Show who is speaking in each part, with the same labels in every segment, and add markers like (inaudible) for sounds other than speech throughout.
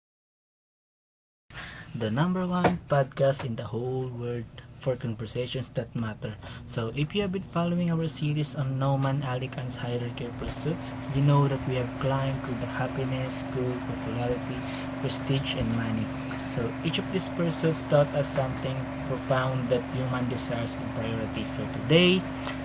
Speaker 1: back to Purpose Talks, the number one podcast in the whole world for conversations that matter. If you have been following our series on Noman Alicant's hierarchy of pursuits, you know that we have climbed through the happiness, good, popularity, prestige, and money. Each of these pursuits taught us something profound that human desires and priorities. So, today,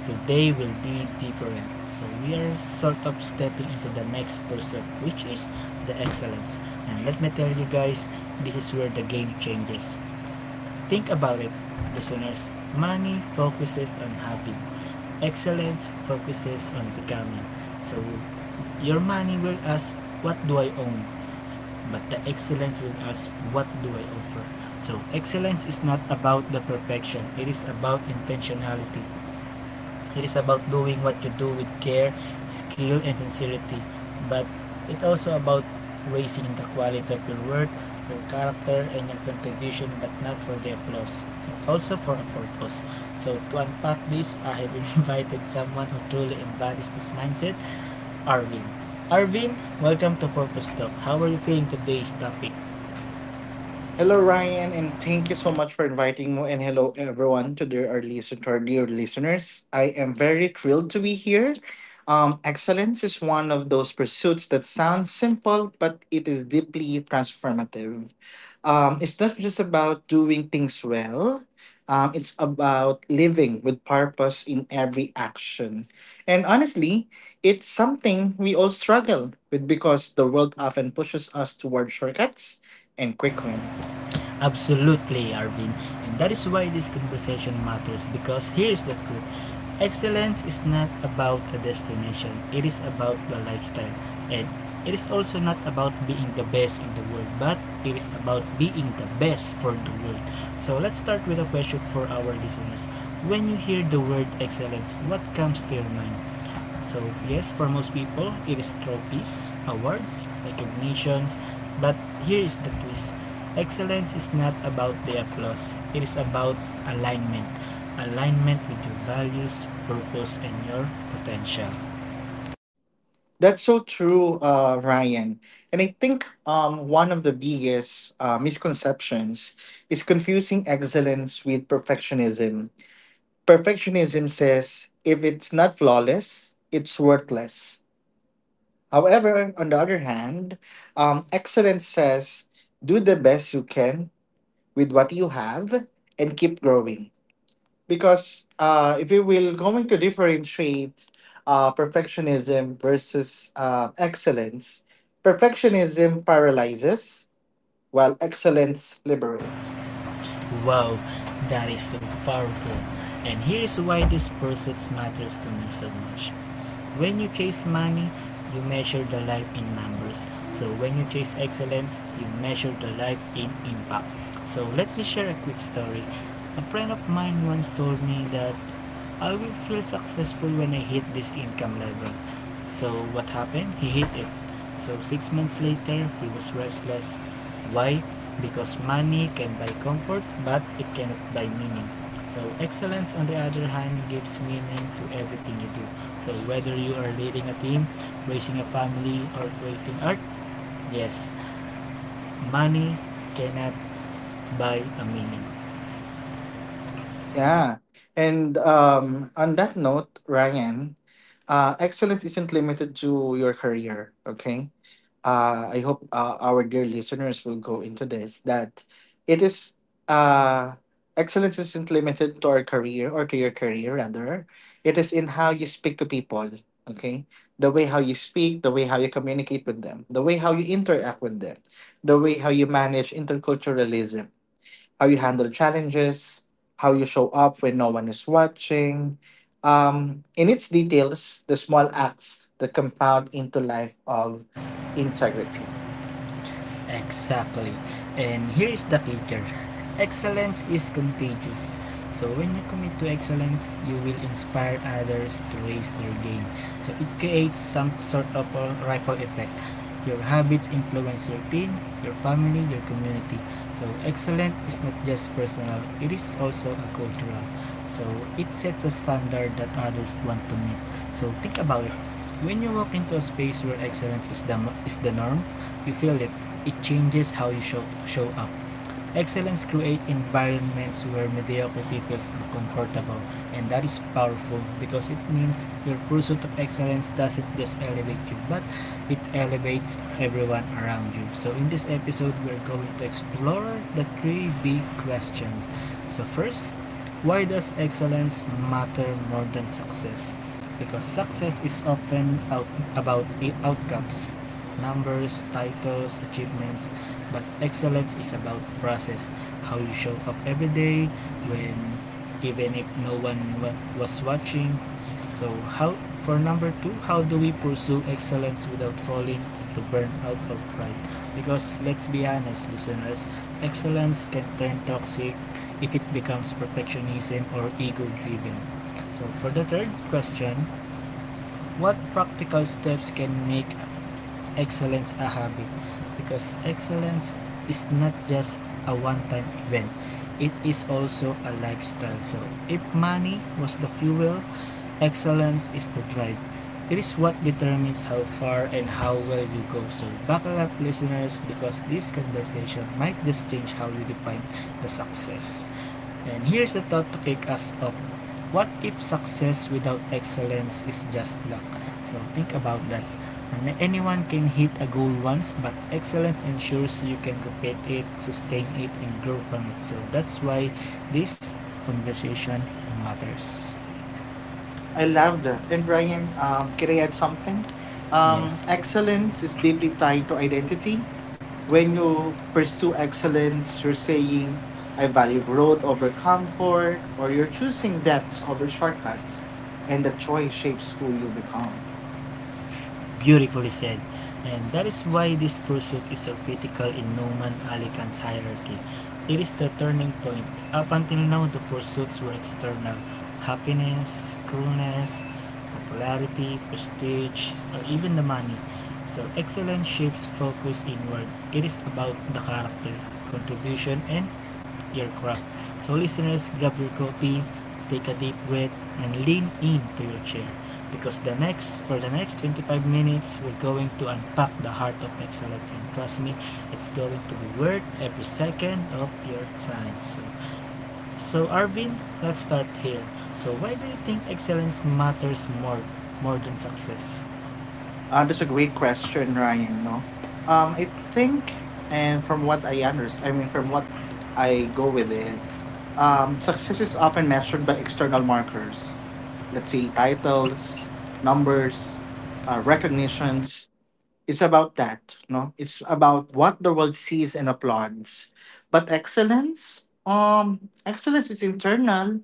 Speaker 1: today will be different. We are sort of stepping into the next pursuit, which is the excellence. And let me tell you guys, this is where the game changes. Think about it, listeners. Money focuses on having. Excellence focuses on becoming. So your money will ask, what do I own? But the excellence will ask, what do I offer? So excellence is not about the perfection. It is about intentionality. It is about doing what you do with care, skill, and sincerity. But it's also about raising the quality of your work, your character, and your contribution, but not for the applause, and also for a purpose. So to unpack this, I have (laughs) invited someone who truly embodies this mindset, Arvin. Arvin, welcome to Purpose Talk. How are you feeling today's topic?
Speaker 2: Hello, Ryan, and thank you so much for inviting me. And hello, everyone, to our dear listeners. I am very thrilled to be here. Excellence is one of those pursuits that sounds simple, but it is deeply transformative. It's not just about doing things well. It's about living with purpose in every action. And honestly, it's something we all struggle with because the world often pushes us toward shortcuts and quick wins.
Speaker 1: Absolutely, Arvin. And that is why this conversation matters because here is the truth. Excellence is not about a destination, it is about the lifestyle. And it is also not about being the best in the world, but it is about being the best for the world. So let's start with a question for our listeners. When you hear the word excellence, what comes to your mind? So, yes, for most people, it is trophies, awards, recognitions, but here is the twist. Excellence is not about the applause, it is about alignment. Alignment with your values, purpose, and your potential.
Speaker 2: That's so true, Ryan. And I think one of the biggest misconceptions is confusing excellence with perfectionism. Perfectionism says if it's not flawless, it's worthless. However, on the other hand, excellence says do the best you can with what you have and keep growing, because if we will going to differentiate perfectionism versus excellence, perfectionism paralyzes while excellence liberates.
Speaker 1: Wow, that is so powerful. And here is why this pursuit matters to me so much. When you chase money, you measure the life in numbers. So when you chase excellence, you measure the life in impact. So let me share a quick story. A friend of mine once told me that I will feel successful when I hit this income level. So what happened? He hit it. So 6 months later, he was restless. Why? Because money can buy comfort, but it cannot buy meaning. So excellence, on the other hand, gives meaning to everything you do. So whether you are leading a team, raising a family, or creating art, yes, money cannot buy a meaning.
Speaker 2: Yeah. And on that note, Ryan, excellence isn't limited to your career, okay? I hope our dear listeners will go into this, that it is, uh, excellence isn't limited to our career, or to your career, rather. It is in how you speak to people, okay? The way how you speak, the way how you communicate with them, the way how you interact with them, the way how you manage interculturalism, how you handle challenges, how you show up when no one is watching. In its details, the small acts that compound into life of integrity.
Speaker 1: Exactly. And here is the kicker. Excellence is contagious. So when you commit to excellence, you will inspire others to raise their game. So it creates some sort of a ripple effect. Your habits influence your team, your family, your community. So excellence is not just personal, it is also a cultural. So it sets a standard that others want to meet. So think about it. When you walk into a space where excellence is the norm, you feel it. It changes how you show up. Excellence creates environments where mediocrity feels uncomfortable, and that is powerful because it means your pursuit of excellence doesn't just elevate you, but it elevates everyone around you. So, in this episode, we're going to explore the three big questions. So, first, why does excellence matter more than success? Because success is often about outcomes, numbers, titles, achievements, but excellence is about process, how you show up every day when even if no one was watching. So how for number two, how do we pursue excellence without falling into burnout of pride? Because let's be honest, listeners, excellence can turn toxic if it becomes perfectionism or ego driven. So for the third question, what practical steps can make excellence a habit? Because excellence is not just a one-time event, it is also a lifestyle. So if money was the fuel, excellence is the drive. It is what determines how far and how well you go. So buckle up, listeners, because this conversation might just change how you define the success. And here's a thought to kick us off. What if success without excellence is just luck? So think about that. And anyone can hit a goal once, but excellence ensures you can repeat it, sustain it, and grow from it. So that's why this conversation matters.
Speaker 2: I love that. And Brian, can I add something?
Speaker 1: Yes.
Speaker 2: Excellence is deeply tied to identity. When you pursue excellence, you're saying, I value growth over comfort, or you're choosing depths over shortcuts, and the choice shapes who you become.
Speaker 1: Beautifully said. And that is why this pursuit is so critical in Newman Alican's hierarchy. It is the turning point. Up until now, the pursuits were external. Happiness, coolness, popularity, prestige, or even the money. So excellence shifts focus inward. It is about the character, contribution, and aircraft. So, listeners, grab your copy, take a deep breath, and lean into your chair because the next for the next 25 minutes we're going to unpack the heart of excellence, and trust me, it's going to be worth every second of your time. So, Arvin, let's start here. So why do you think excellence matters more than success?
Speaker 2: That's a great question, Ryan. No, I think, and from what I understand, I mean, from what I go with it, success is often measured by external markers. Let's say titles, numbers, recognitions. It's about that, no? It's about what the world sees and applauds. But excellence is internal.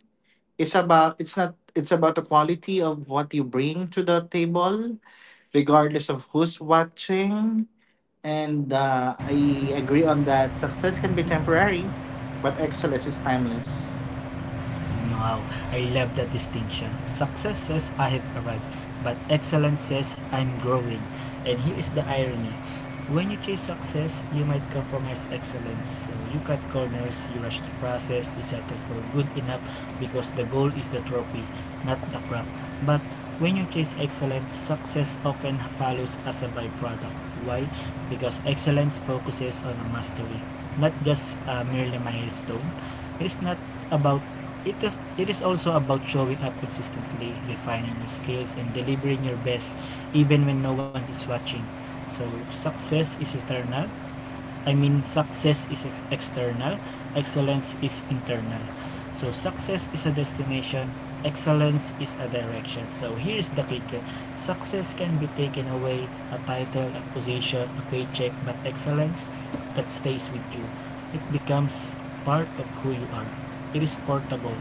Speaker 2: It's about it's not. It's about the quality of what you bring to the table regardless of who's watching. And I agree on that. Success can be temporary, but excellence is timeless.
Speaker 1: Wow, I love that distinction. Success says I have arrived, but excellence says I'm growing. And here is the irony. When you chase success, you might compromise excellence. So you cut corners, you rush the process, you settle for good enough because the goal is the trophy, not the crop. But when you chase excellence, success often follows as a byproduct. Why? Because excellence focuses on a mastery, not just a merely milestone. It is not about it is also about showing up consistently, refining your skills, and delivering your best even when no one is watching. So, success is eternal, I mean success is external, excellence is internal. So success is a destination, excellence is a direction. So here is the kicker. Success can be taken away, a title, a position, a paycheck, but excellence that stays with you. It becomes part of who you are. It is portable.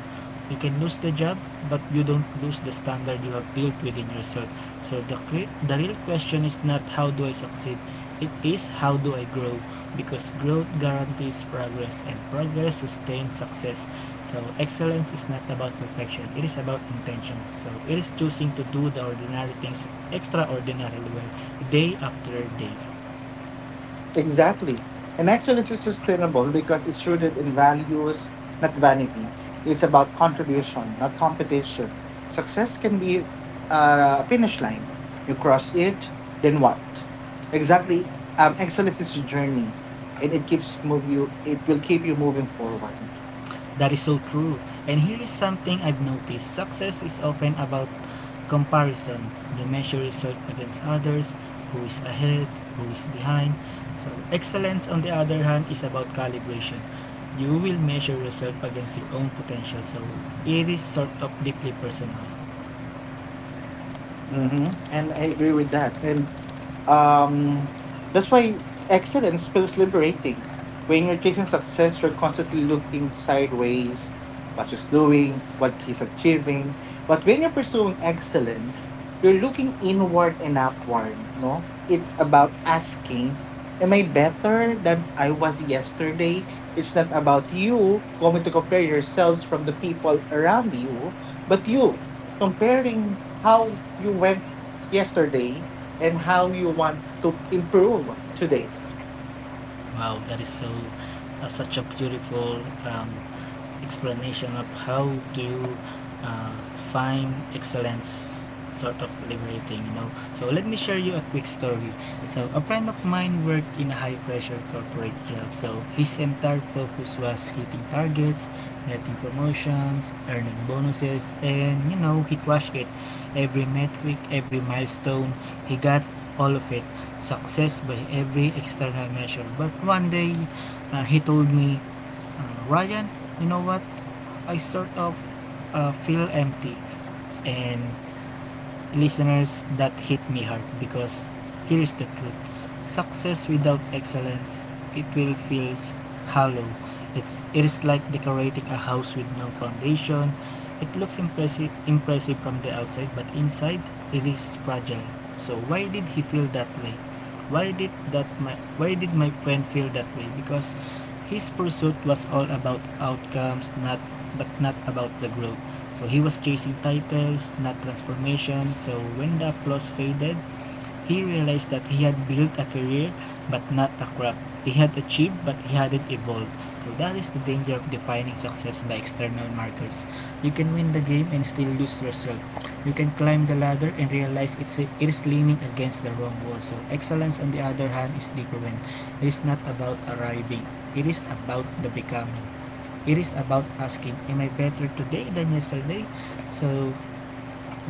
Speaker 1: You can lose the job, but you don't lose the standard you have built within yourself. So the real question is not how do I succeed? It is how do I grow? Because growth guarantees progress and progress sustains success. So excellence is not about perfection, it is about intention. So it is choosing to do the ordinary things extraordinarily well day after day.
Speaker 2: Exactly. And excellence is sustainable because it's rooted in values, not vanity. It's about contribution, not competition. Success can be a finish line. You cross it, then what? Exactly. Excellence is a journey, and it keeps move you. It will keep you moving forward.
Speaker 1: That is so true. And here is something I've noticed. Success is often about comparison. You measure result against others, who is ahead, who is behind. So, excellence, on the other hand, is about calibration. You will measure yourself against your own potential. So, it is sort of deeply personal.
Speaker 2: Mm-hmm. And I agree with that. And Um, that's why excellence feels liberating. When you're chasing success, you're constantly looking sideways, what she's doing, what she's achieving. But when you're pursuing excellence, you're looking inward and upward, no? It's about asking, am I better than I was yesterday? It's not about you going to compare yourselves from the people around you, but you comparing how you went yesterday and how you want to improve today.
Speaker 1: Wow, that is so such a beautiful um, explanation of how to uh, find excellence sort of liberating. So let me share you a quick story. So a friend of mine worked in a high pressure corporate job. So his entire focus was hitting targets, getting promotions, earning bonuses, and you know he crushed it. Every metric, every milestone, he got all of it, success by every external measure. But one day he told me, uh, Ryan, you know what, I sort of feel empty. And listeners, that hit me hard because here's the truth. Success without excellence, it will feel hollow. It is like decorating a house with no foundation. It looks impressive from the outside, but inside it is fragile. So why did he feel that way? Why did my friend feel that way? Because his pursuit was all about outcomes, not but not about the growth. So he was chasing titles, not transformation. So when the applause faded, he realized that he had built a career but not a craft. He had achieved but he hadn't evolved. So that is the danger of defining success by external markers. You can win the game and still lose yourself. You can climb the ladder and realize it is leaning against the wrong wall. So excellence on the other hand is different. It is not about arriving. It is about the becoming. It is about asking, am I better today than yesterday? So,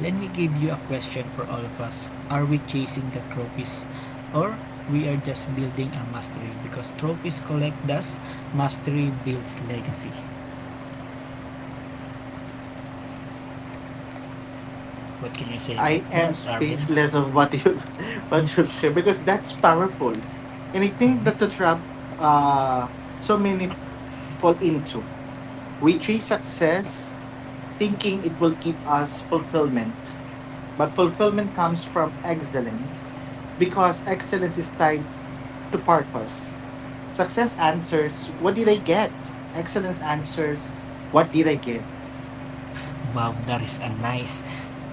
Speaker 1: let me give you a question for all of us. Are we chasing the trophies? Or we are just building a mastery? Because trophies collect dust, mastery builds legacy. What can you say
Speaker 2: I
Speaker 1: about
Speaker 2: am
Speaker 1: that, Arvin?
Speaker 2: speechless of what you've (laughs) what you've shared, because that's powerful. And I think that's a
Speaker 1: Mhm.
Speaker 2: trap uh so many fall into. We chase success thinking it will give us fulfillment. But fulfillment comes from excellence because excellence is tied to purpose. Success answers, what did I get? Excellence answers, what did I give?
Speaker 1: Wow, that is a nice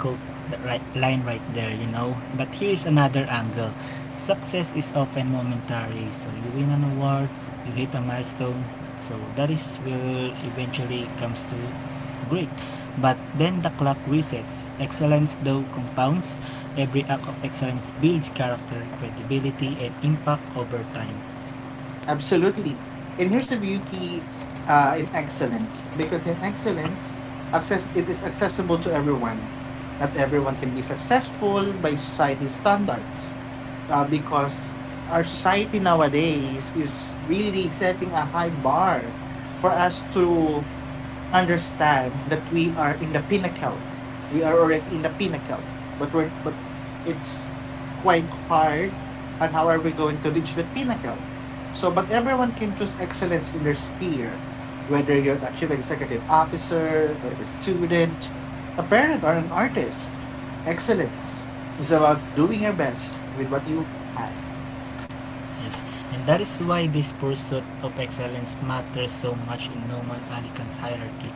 Speaker 1: quote right, line right there, you know. But here's another angle. Success is often momentary. So you win an award, you hit a milestone. So that is will eventually comes to great. But then the clock resets. Excellence though compounds. Every act of excellence builds character, credibility, and impact over time.
Speaker 2: Absolutely. And here's the beauty in excellence, because in excellence, access it is accessible to everyone. Not everyone can be successful by society standards, because our society nowadays is really setting a high bar for us to understand that we are in the pinnacle. We are already in the pinnacle, but it's quite hard. And how are we going to reach the pinnacle? So, but everyone can choose excellence in their sphere, whether you're a chief executive officer or a student, a parent or an artist. Excellence is about doing your best with what you have.
Speaker 1: Yes, and that is why this pursuit of excellence matters so much in Norman Alican's hierarchy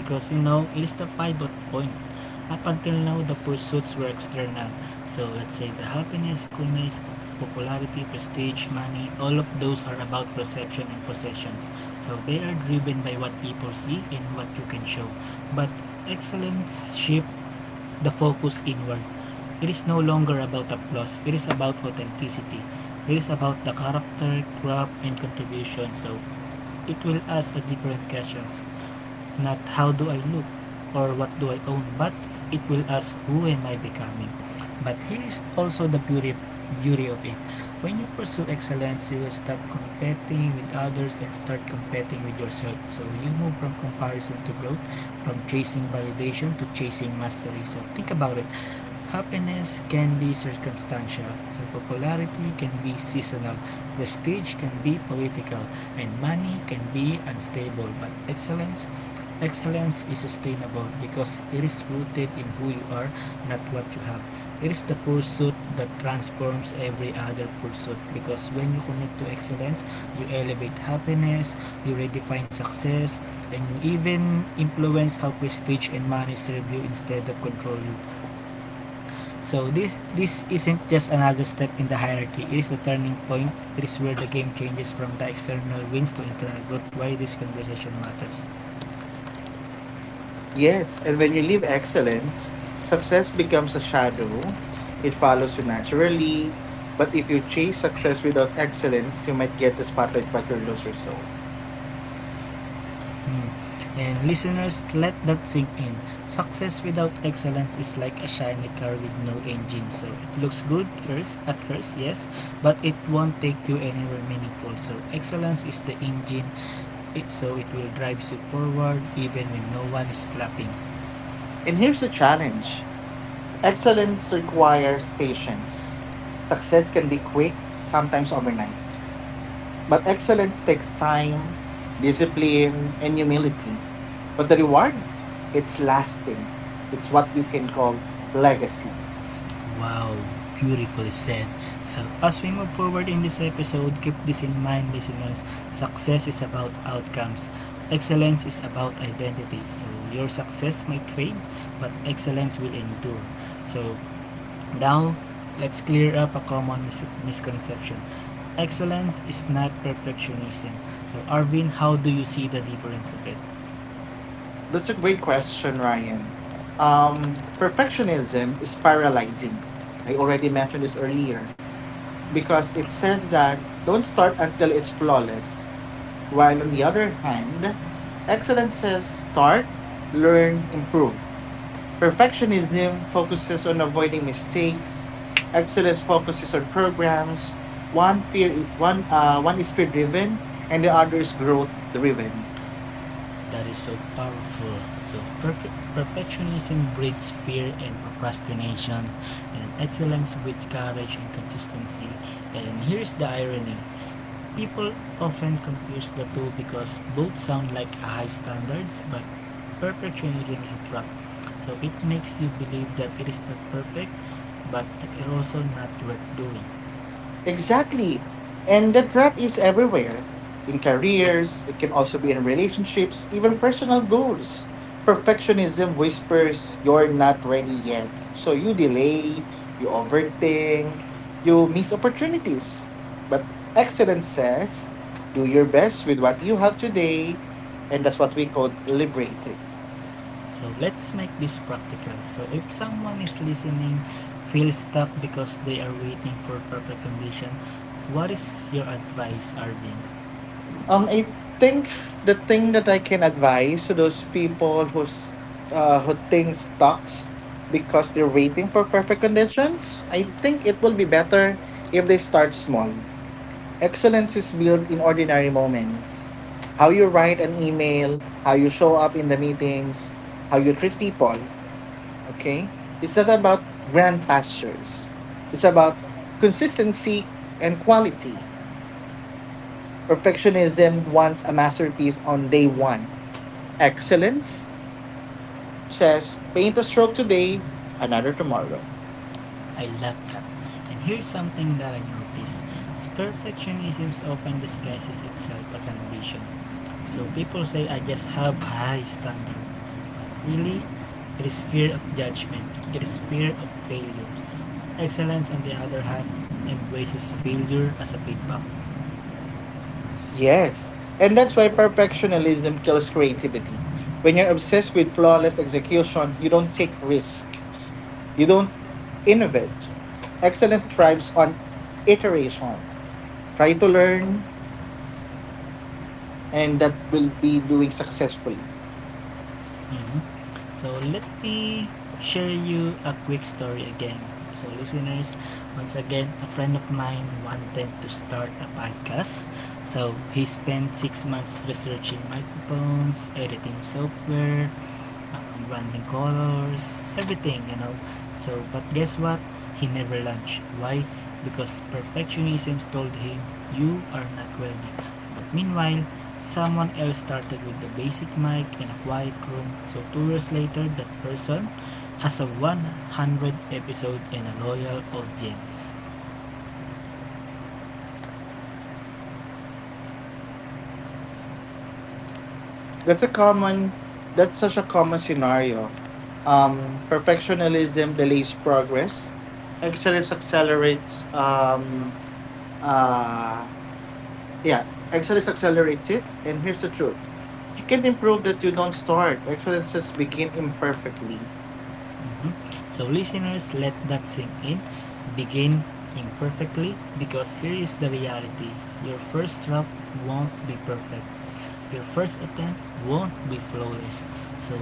Speaker 1: because you know it is the pivot point. Up until now, the pursuits were external. So let's say the happiness, coolness, popularity, prestige, money, all of those are about perception and possessions. So they are driven by what people see and what you can show. But excellence shifts the focus inward. It is no longer about applause. It is about authenticity. It is about the character, craft, and contribution. So it will ask a different questions. Not how do I look or what do I own, but it will ask who am I becoming. But here is also the beauty of it. When you pursue excellence, you will stop competing with others and start competing with yourself. So you move from comparison to growth, from chasing validation to chasing mastery. So think about it. Happiness can be circumstantial, so popularity can be seasonal, prestige can be political, and money can be unstable. But excellence is sustainable because it is rooted in who you are, not what you have. It is the pursuit that transforms every other pursuit because when you connect to excellence, you elevate happiness, you redefine success, and you even influence how prestige and money serve you instead of control you. So this isn't just another step in the hierarchy. It is the turning point. It is where the game changes from the external wins to internal growth. Why this conversation matters.
Speaker 2: Yes, and when you live excellence, success becomes a shadow. It follows you naturally. But if you chase success without excellence, you might get the spotlight but you'll lose your soul.
Speaker 1: Hmm. And listeners, let that sink in. Success without excellence is like a shiny car with no engine. So it looks good first at first, yes, but it won't take you anywhere meaningful. So excellence is the engine, so it will drive you forward even when no one is clapping.
Speaker 2: And here's the challenge: excellence requires patience. Success can be quick, sometimes overnight. But excellence takes time, discipline, and humility. But the reward, it's lasting. It's what you can call legacy.
Speaker 1: Wow, beautifully said. So, as we move forward in this episode, keep this in mind, listeners. Success is about outcomes. Excellence is about identity. So, your success might fade, but excellence will endure. So, now let's clear up a common misconception. Excellence is not perfectionism. So, Arvin, how do you see the difference of it?
Speaker 2: That's a great question, Ryan. Perfectionism is paralyzing. I already mentioned this earlier because it says that don't start until it's flawless. While on the other hand, excellence says start, learn, improve. Perfectionism focuses on avoiding mistakes. Excellence focuses on programs. One is fear driven, and the other is growth driven.
Speaker 1: That is so powerful. So perfectionism breeds fear and procrastination, and excellence breeds courage and consistency. And here's the irony: people often confuse the two because both sound like high standards, but perfectionism is a trap. So it makes you believe that it is not perfect, but it is also not worth doing.
Speaker 2: Exactly. And the threat is everywhere. In careers, it can also be in relationships, even personal goals. Perfectionism whispers, you're not ready yet. So you delay, you overthink, you miss opportunities. But excellence says, do your best with what you have today. And that's what we call liberating.
Speaker 1: So let's make this practical. So if someone is listening feels stuck because they are waiting for proper condition, what is your advice, Arvin?
Speaker 2: I think the thing that I can advise to those people who think stocks because they're waiting for perfect conditions, I think it will be better if they start small. Excellence is built in ordinary moments. How you write an email, how you show up in the meetings, how you treat people, okay? It's not about grand pastures. It's about consistency and quality. Perfectionism wants a masterpiece on day one. Excellence says paint a stroke today, another tomorrow.
Speaker 1: I love that. And here's something that I noticed. Perfectionism often disguises itself as ambition. So people say I just have high standard. But really, it is fear of judgment. It is fear of failure. Excellence on the other hand embraces failure as a feedback.
Speaker 2: Yes. And that's why perfectionism kills creativity. When you're obsessed with flawless execution, you don't take risk. You don't innovate. Excellence thrives on iteration. Try to learn, and that will be doing successfully.
Speaker 1: hmm So let me share you a quick story again. So listeners, once again, a friend of mine wanted to start a podcast. So he spent six months researching microphones, editing software, branding colors, everything, you know. So, but guess what? He never launched. Why? Because perfectionism told him, you are not ready. But meanwhile, someone else started with the basic mic in a quiet room. So, two years later, that person has a 100 episode and a loyal audience.
Speaker 2: That's a common. That's such a common scenario. Perfectionism delays progress. Excellence accelerates. Uh, yeah, excellence accelerates it. And here's the truth: you can improve that you don't start. Excellences begin imperfectly.
Speaker 1: Mm-hmm. So, listeners, let that sink in. Begin imperfectly because here is the reality your first draft won't be perfect, your first attempt won't be flawless. So,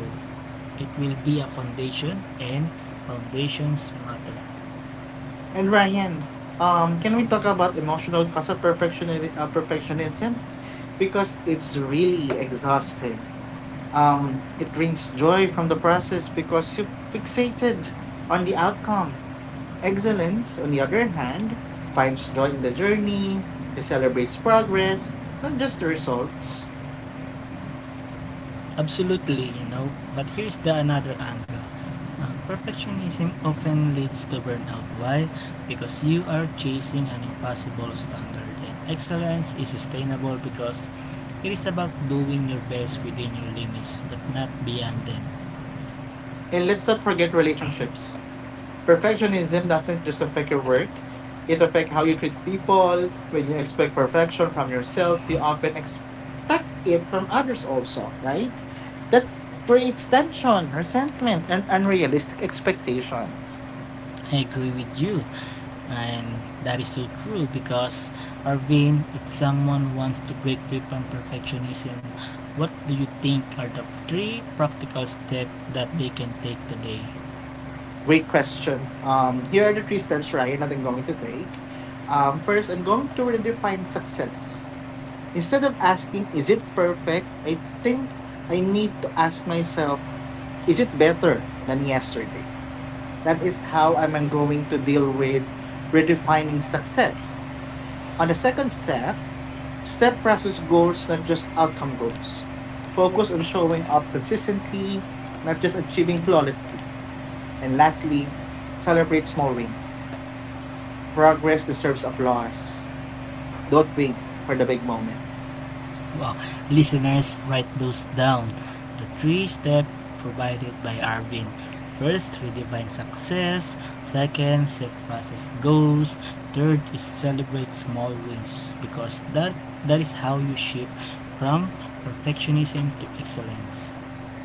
Speaker 1: it will be a foundation, and foundations matter.
Speaker 2: And Ryan, can we talk about emotional cause of perfectionism? Because it's really exhausting. It brings joy from the process because you're fixated on the outcome. Excellence, on the other hand, finds joy in the journey, it celebrates progress, not just the results.
Speaker 1: Absolutely, you know. But here's the another angle. Perfectionism often leads to burnout. Why? Because you are chasing an impossible standard, and excellence is sustainable because it is about doing your best within your limits, but not beyond them.
Speaker 2: And let's not forget relationships. Perfectionism doesn't just affect your work, it affects how you treat people. When you expect perfection from yourself, you often expect it from others also, right? That creates tension, resentment, and unrealistic expectations.
Speaker 1: I agree with you, and that is so true because, Arvin, if someone wants to break free from perfectionism, what do you think are the three practical steps that they can take today?
Speaker 2: Great question. Here are the three steps, Ryan, that I'm going to take. First, I'm going to redefine success. Instead of asking, is it perfect? I think I need to ask myself, is it better than yesterday? That is how I'm going to deal with redefining success. On the second step, step process goals, not just outcome goals. Focus on showing up consistently, not just achieving flawlessly. And lastly, celebrate small wins. Progress deserves applause. Don't wait for the big moment.
Speaker 1: Wow. Listeners, write those down. The three steps provided by Arvin. First, redefine success. Second, set process goals. Third is celebrate small wins because that is how you shift from perfectionism to excellence.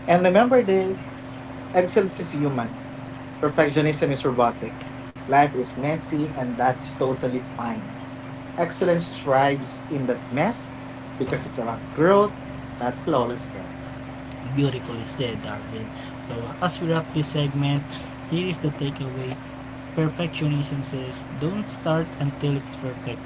Speaker 2: And remember this: excellence is human, perfectionism is robotic. Life is messy, and that's totally fine. Excellence thrives in that mess because it's about growth, not flawlessness.
Speaker 1: Beautifully said, Arvin. So as we wrap this segment, here is the takeaway. Perfectionism says don't start until it's perfect,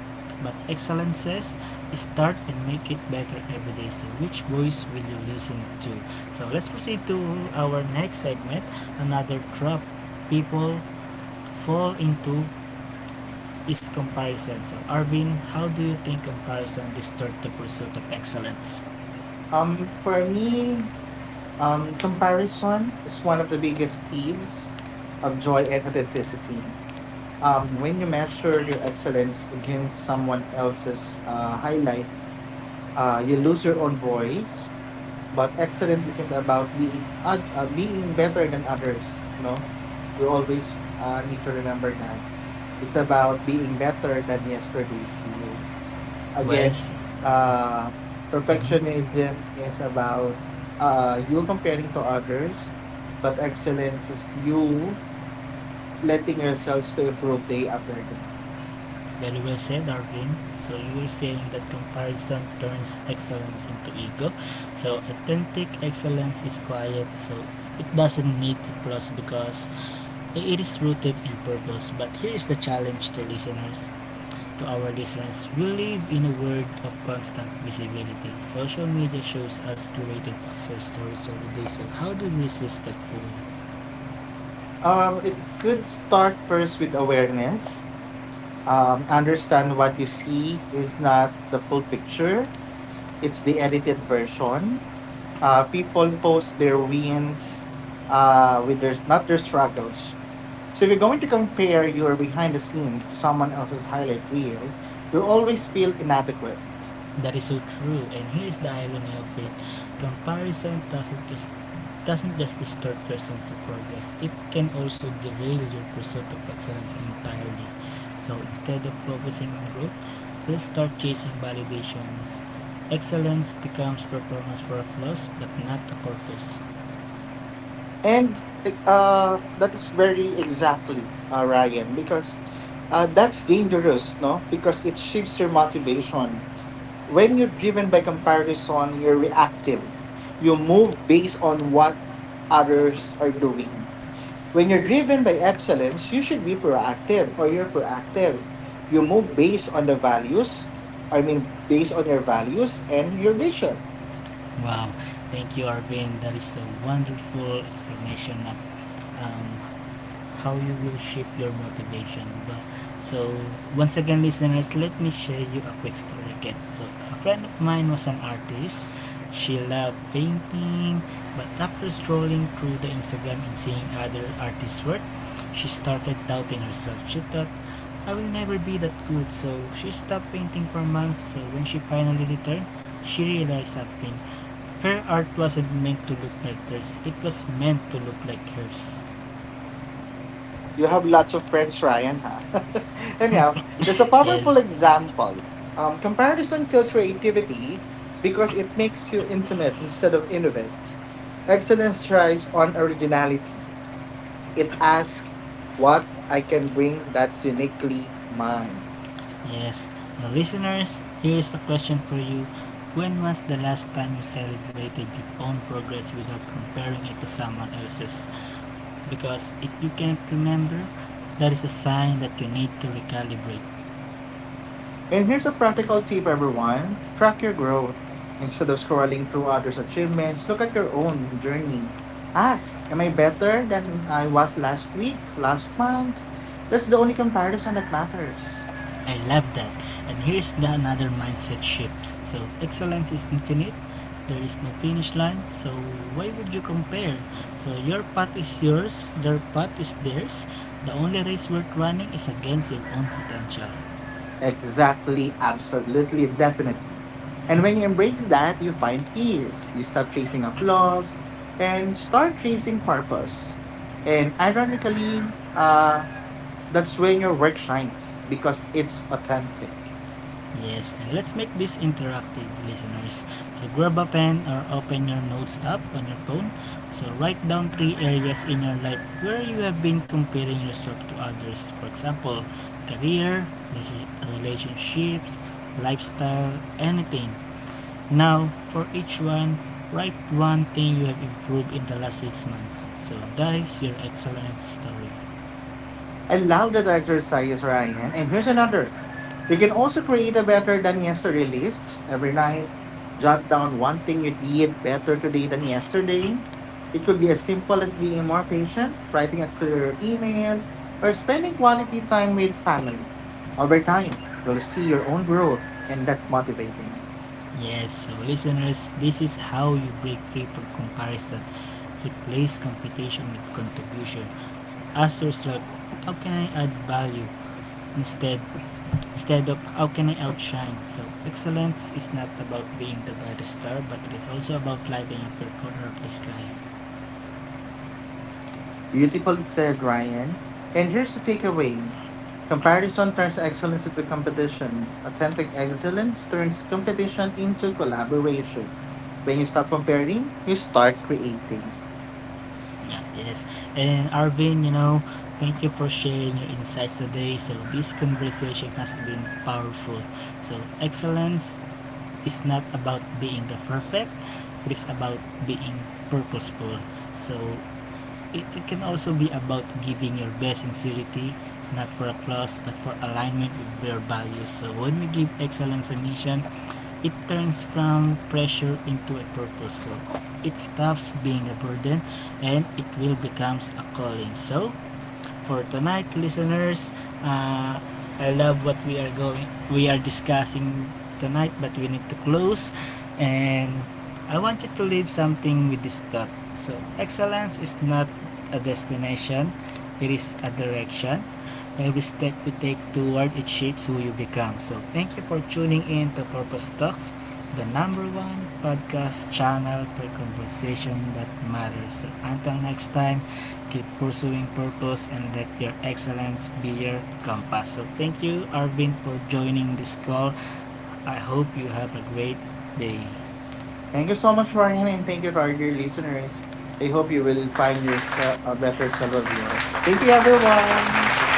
Speaker 1: but excellence says start and make it better every day. So, which voice will you listen to? So, let's proceed to our next segment. Another trap people fall into is comparison. So, Arvin, how do you think comparison distorts the pursuit of excellence?
Speaker 2: For me, comparison is one of the biggest thieves of joy and authenticity. When you measure your excellence against someone else's highlight, you lose your own voice, but excellence isn't about being better than others. No, we always need to remember that it's about being better than yesterday's you.
Speaker 1: Well,
Speaker 2: Again,
Speaker 1: s-
Speaker 2: uh,
Speaker 1: mhm.
Speaker 2: perfectionism is about you comparing to others, but excellence is you letting yourselves to improve day after day.
Speaker 1: Very well said, Arvin. So you're saying that comparison turns excellence into ego. So authentic excellence is quiet. So it doesn't need applause because it is rooted in purpose. But here is the challenge to listeners, to our listeners. We live in a world of constant visibility. Social media shows us curated success stories every day. So how do we resist that fool?
Speaker 2: It could start first with awareness, understand what you see is not the full picture, it's the edited version. People post their wins with their, not their struggles. So if you're going to compare your behind the scenes to someone else's highlight reel, you'll always feel inadequate.
Speaker 1: That is so true. And here is the irony of it. Comparison doesn't just distort your sense of progress, it can also derail your pursuit of excellence entirely. So instead of focusing on growth, you'll start chasing validations. Excellence becomes performance for applause, but not a purpose.
Speaker 2: And that is very exactly, Ryan, because that's dangerous, no? Because it shifts your motivation. When you're driven by comparison, you're reactive. You move based on what others are doing. When you're driven by excellence, you should be proactive, or you're proactive. You move based on the values, I mean, based on your values and your vision.
Speaker 1: Wow, thank you, Arvin. That is a wonderful explanation of um, how you will shape your motivation. But so once again, listeners, let me share you a quick story again. So a friend of mine was an artist. She loved painting, but after scrolling through the Instagram and seeing other artists' work, she started doubting herself. She thought, I will never be that good, so she stopped painting for months. So when she finally returned, she realized something. Her art wasn't meant to look like theirs, it was meant to look like hers.
Speaker 2: You have lots of friends, Ryan, huh? (laughs) Anyhow, there's a
Speaker 1: Yes,
Speaker 2: powerful example. Comparison kills creativity because it makes you intimate instead of innovate. Excellence thrives on originality. It asks what I can bring that's uniquely mine.
Speaker 1: yes, listeners, here is a question for you. When was the last time you celebrated your own progress without comparing it to someone else's? Because if you can't remember, that is a sign that you need to recalibrate.
Speaker 2: And here's a practical tip, everyone: track your growth. Instead of scrolling through others' achievements, look at your own journey. Ask, am I better than I was last week, last month? That's the only comparison that matters.
Speaker 1: I love that. And here's the another mindset shift. So, excellence is infinite. There is no finish line. So, why would you compare? So, your path is yours, their path is theirs. The only race worth running is against your own potential.
Speaker 2: Exactly, absolutely, definitely. And when you embrace that, you find peace. You stop chasing applause and start chasing purpose. And ironically, that's when your work shines because it's authentic.
Speaker 1: Yes, and let's make this interactive, listeners. So grab a pen or open your notes app on your phone. So write down three areas in your life where you have been comparing yourself to others. For example, career, relation- relationships, lifestyle, anything. Now, for each one, write one thing you have improved in the last six months. So that is your excellent story.
Speaker 2: I love that exercise, Ryan. And here's another. You can also create a better than yesterday list every night. Jot down one thing you did better today than yesterday. It could be as simple as being more patient, writing a clearer email, or spending quality time with family. Over time, you'll see your own growth, and that's motivating.
Speaker 1: Yes, so listeners, this is how you break free from comparison. Replace competition with contribution. So ask yourself, how can I add value instead instead of how can I outshine? So excellence is not about being the brightest star, but it is also about lighting up your corner of the sky.
Speaker 2: Beautifully said, Ryan. And here's the takeaway: comparison turns excellence into competition. Authentic excellence turns competition into collaboration. When you stop comparing, you start creating.
Speaker 1: Yeah, yes. And Arvin, you know, thank you for sharing your insights today. So this conversation has been powerful. So excellence is not about being the perfect, it is about being purposeful. So it can also be about giving your best sincerity, not for applause but for alignment with your values. So when we give excellence a mission, it turns from pressure into a purpose. So it stops being a burden and it will becomes a calling. So for tonight, listeners. Uh, I love what we are discussing tonight, but we need to close. And I want you to leave something with this thought. So, excellence is not a destination; it is a direction. Every step you take toward it shapes who you become. So, thank you for tuning in to Purpose Talks, the number one podcast channel for conversation that matters. So, until next time, keep pursuing purpose and let your excellence be your compass. So thank you, Arvin, for joining this call. I hope you have a great day.
Speaker 2: Thank you so much, Ryan, and thank you to our dear listeners. I hope you will find yourself a better self of yours. Thank you, everyone.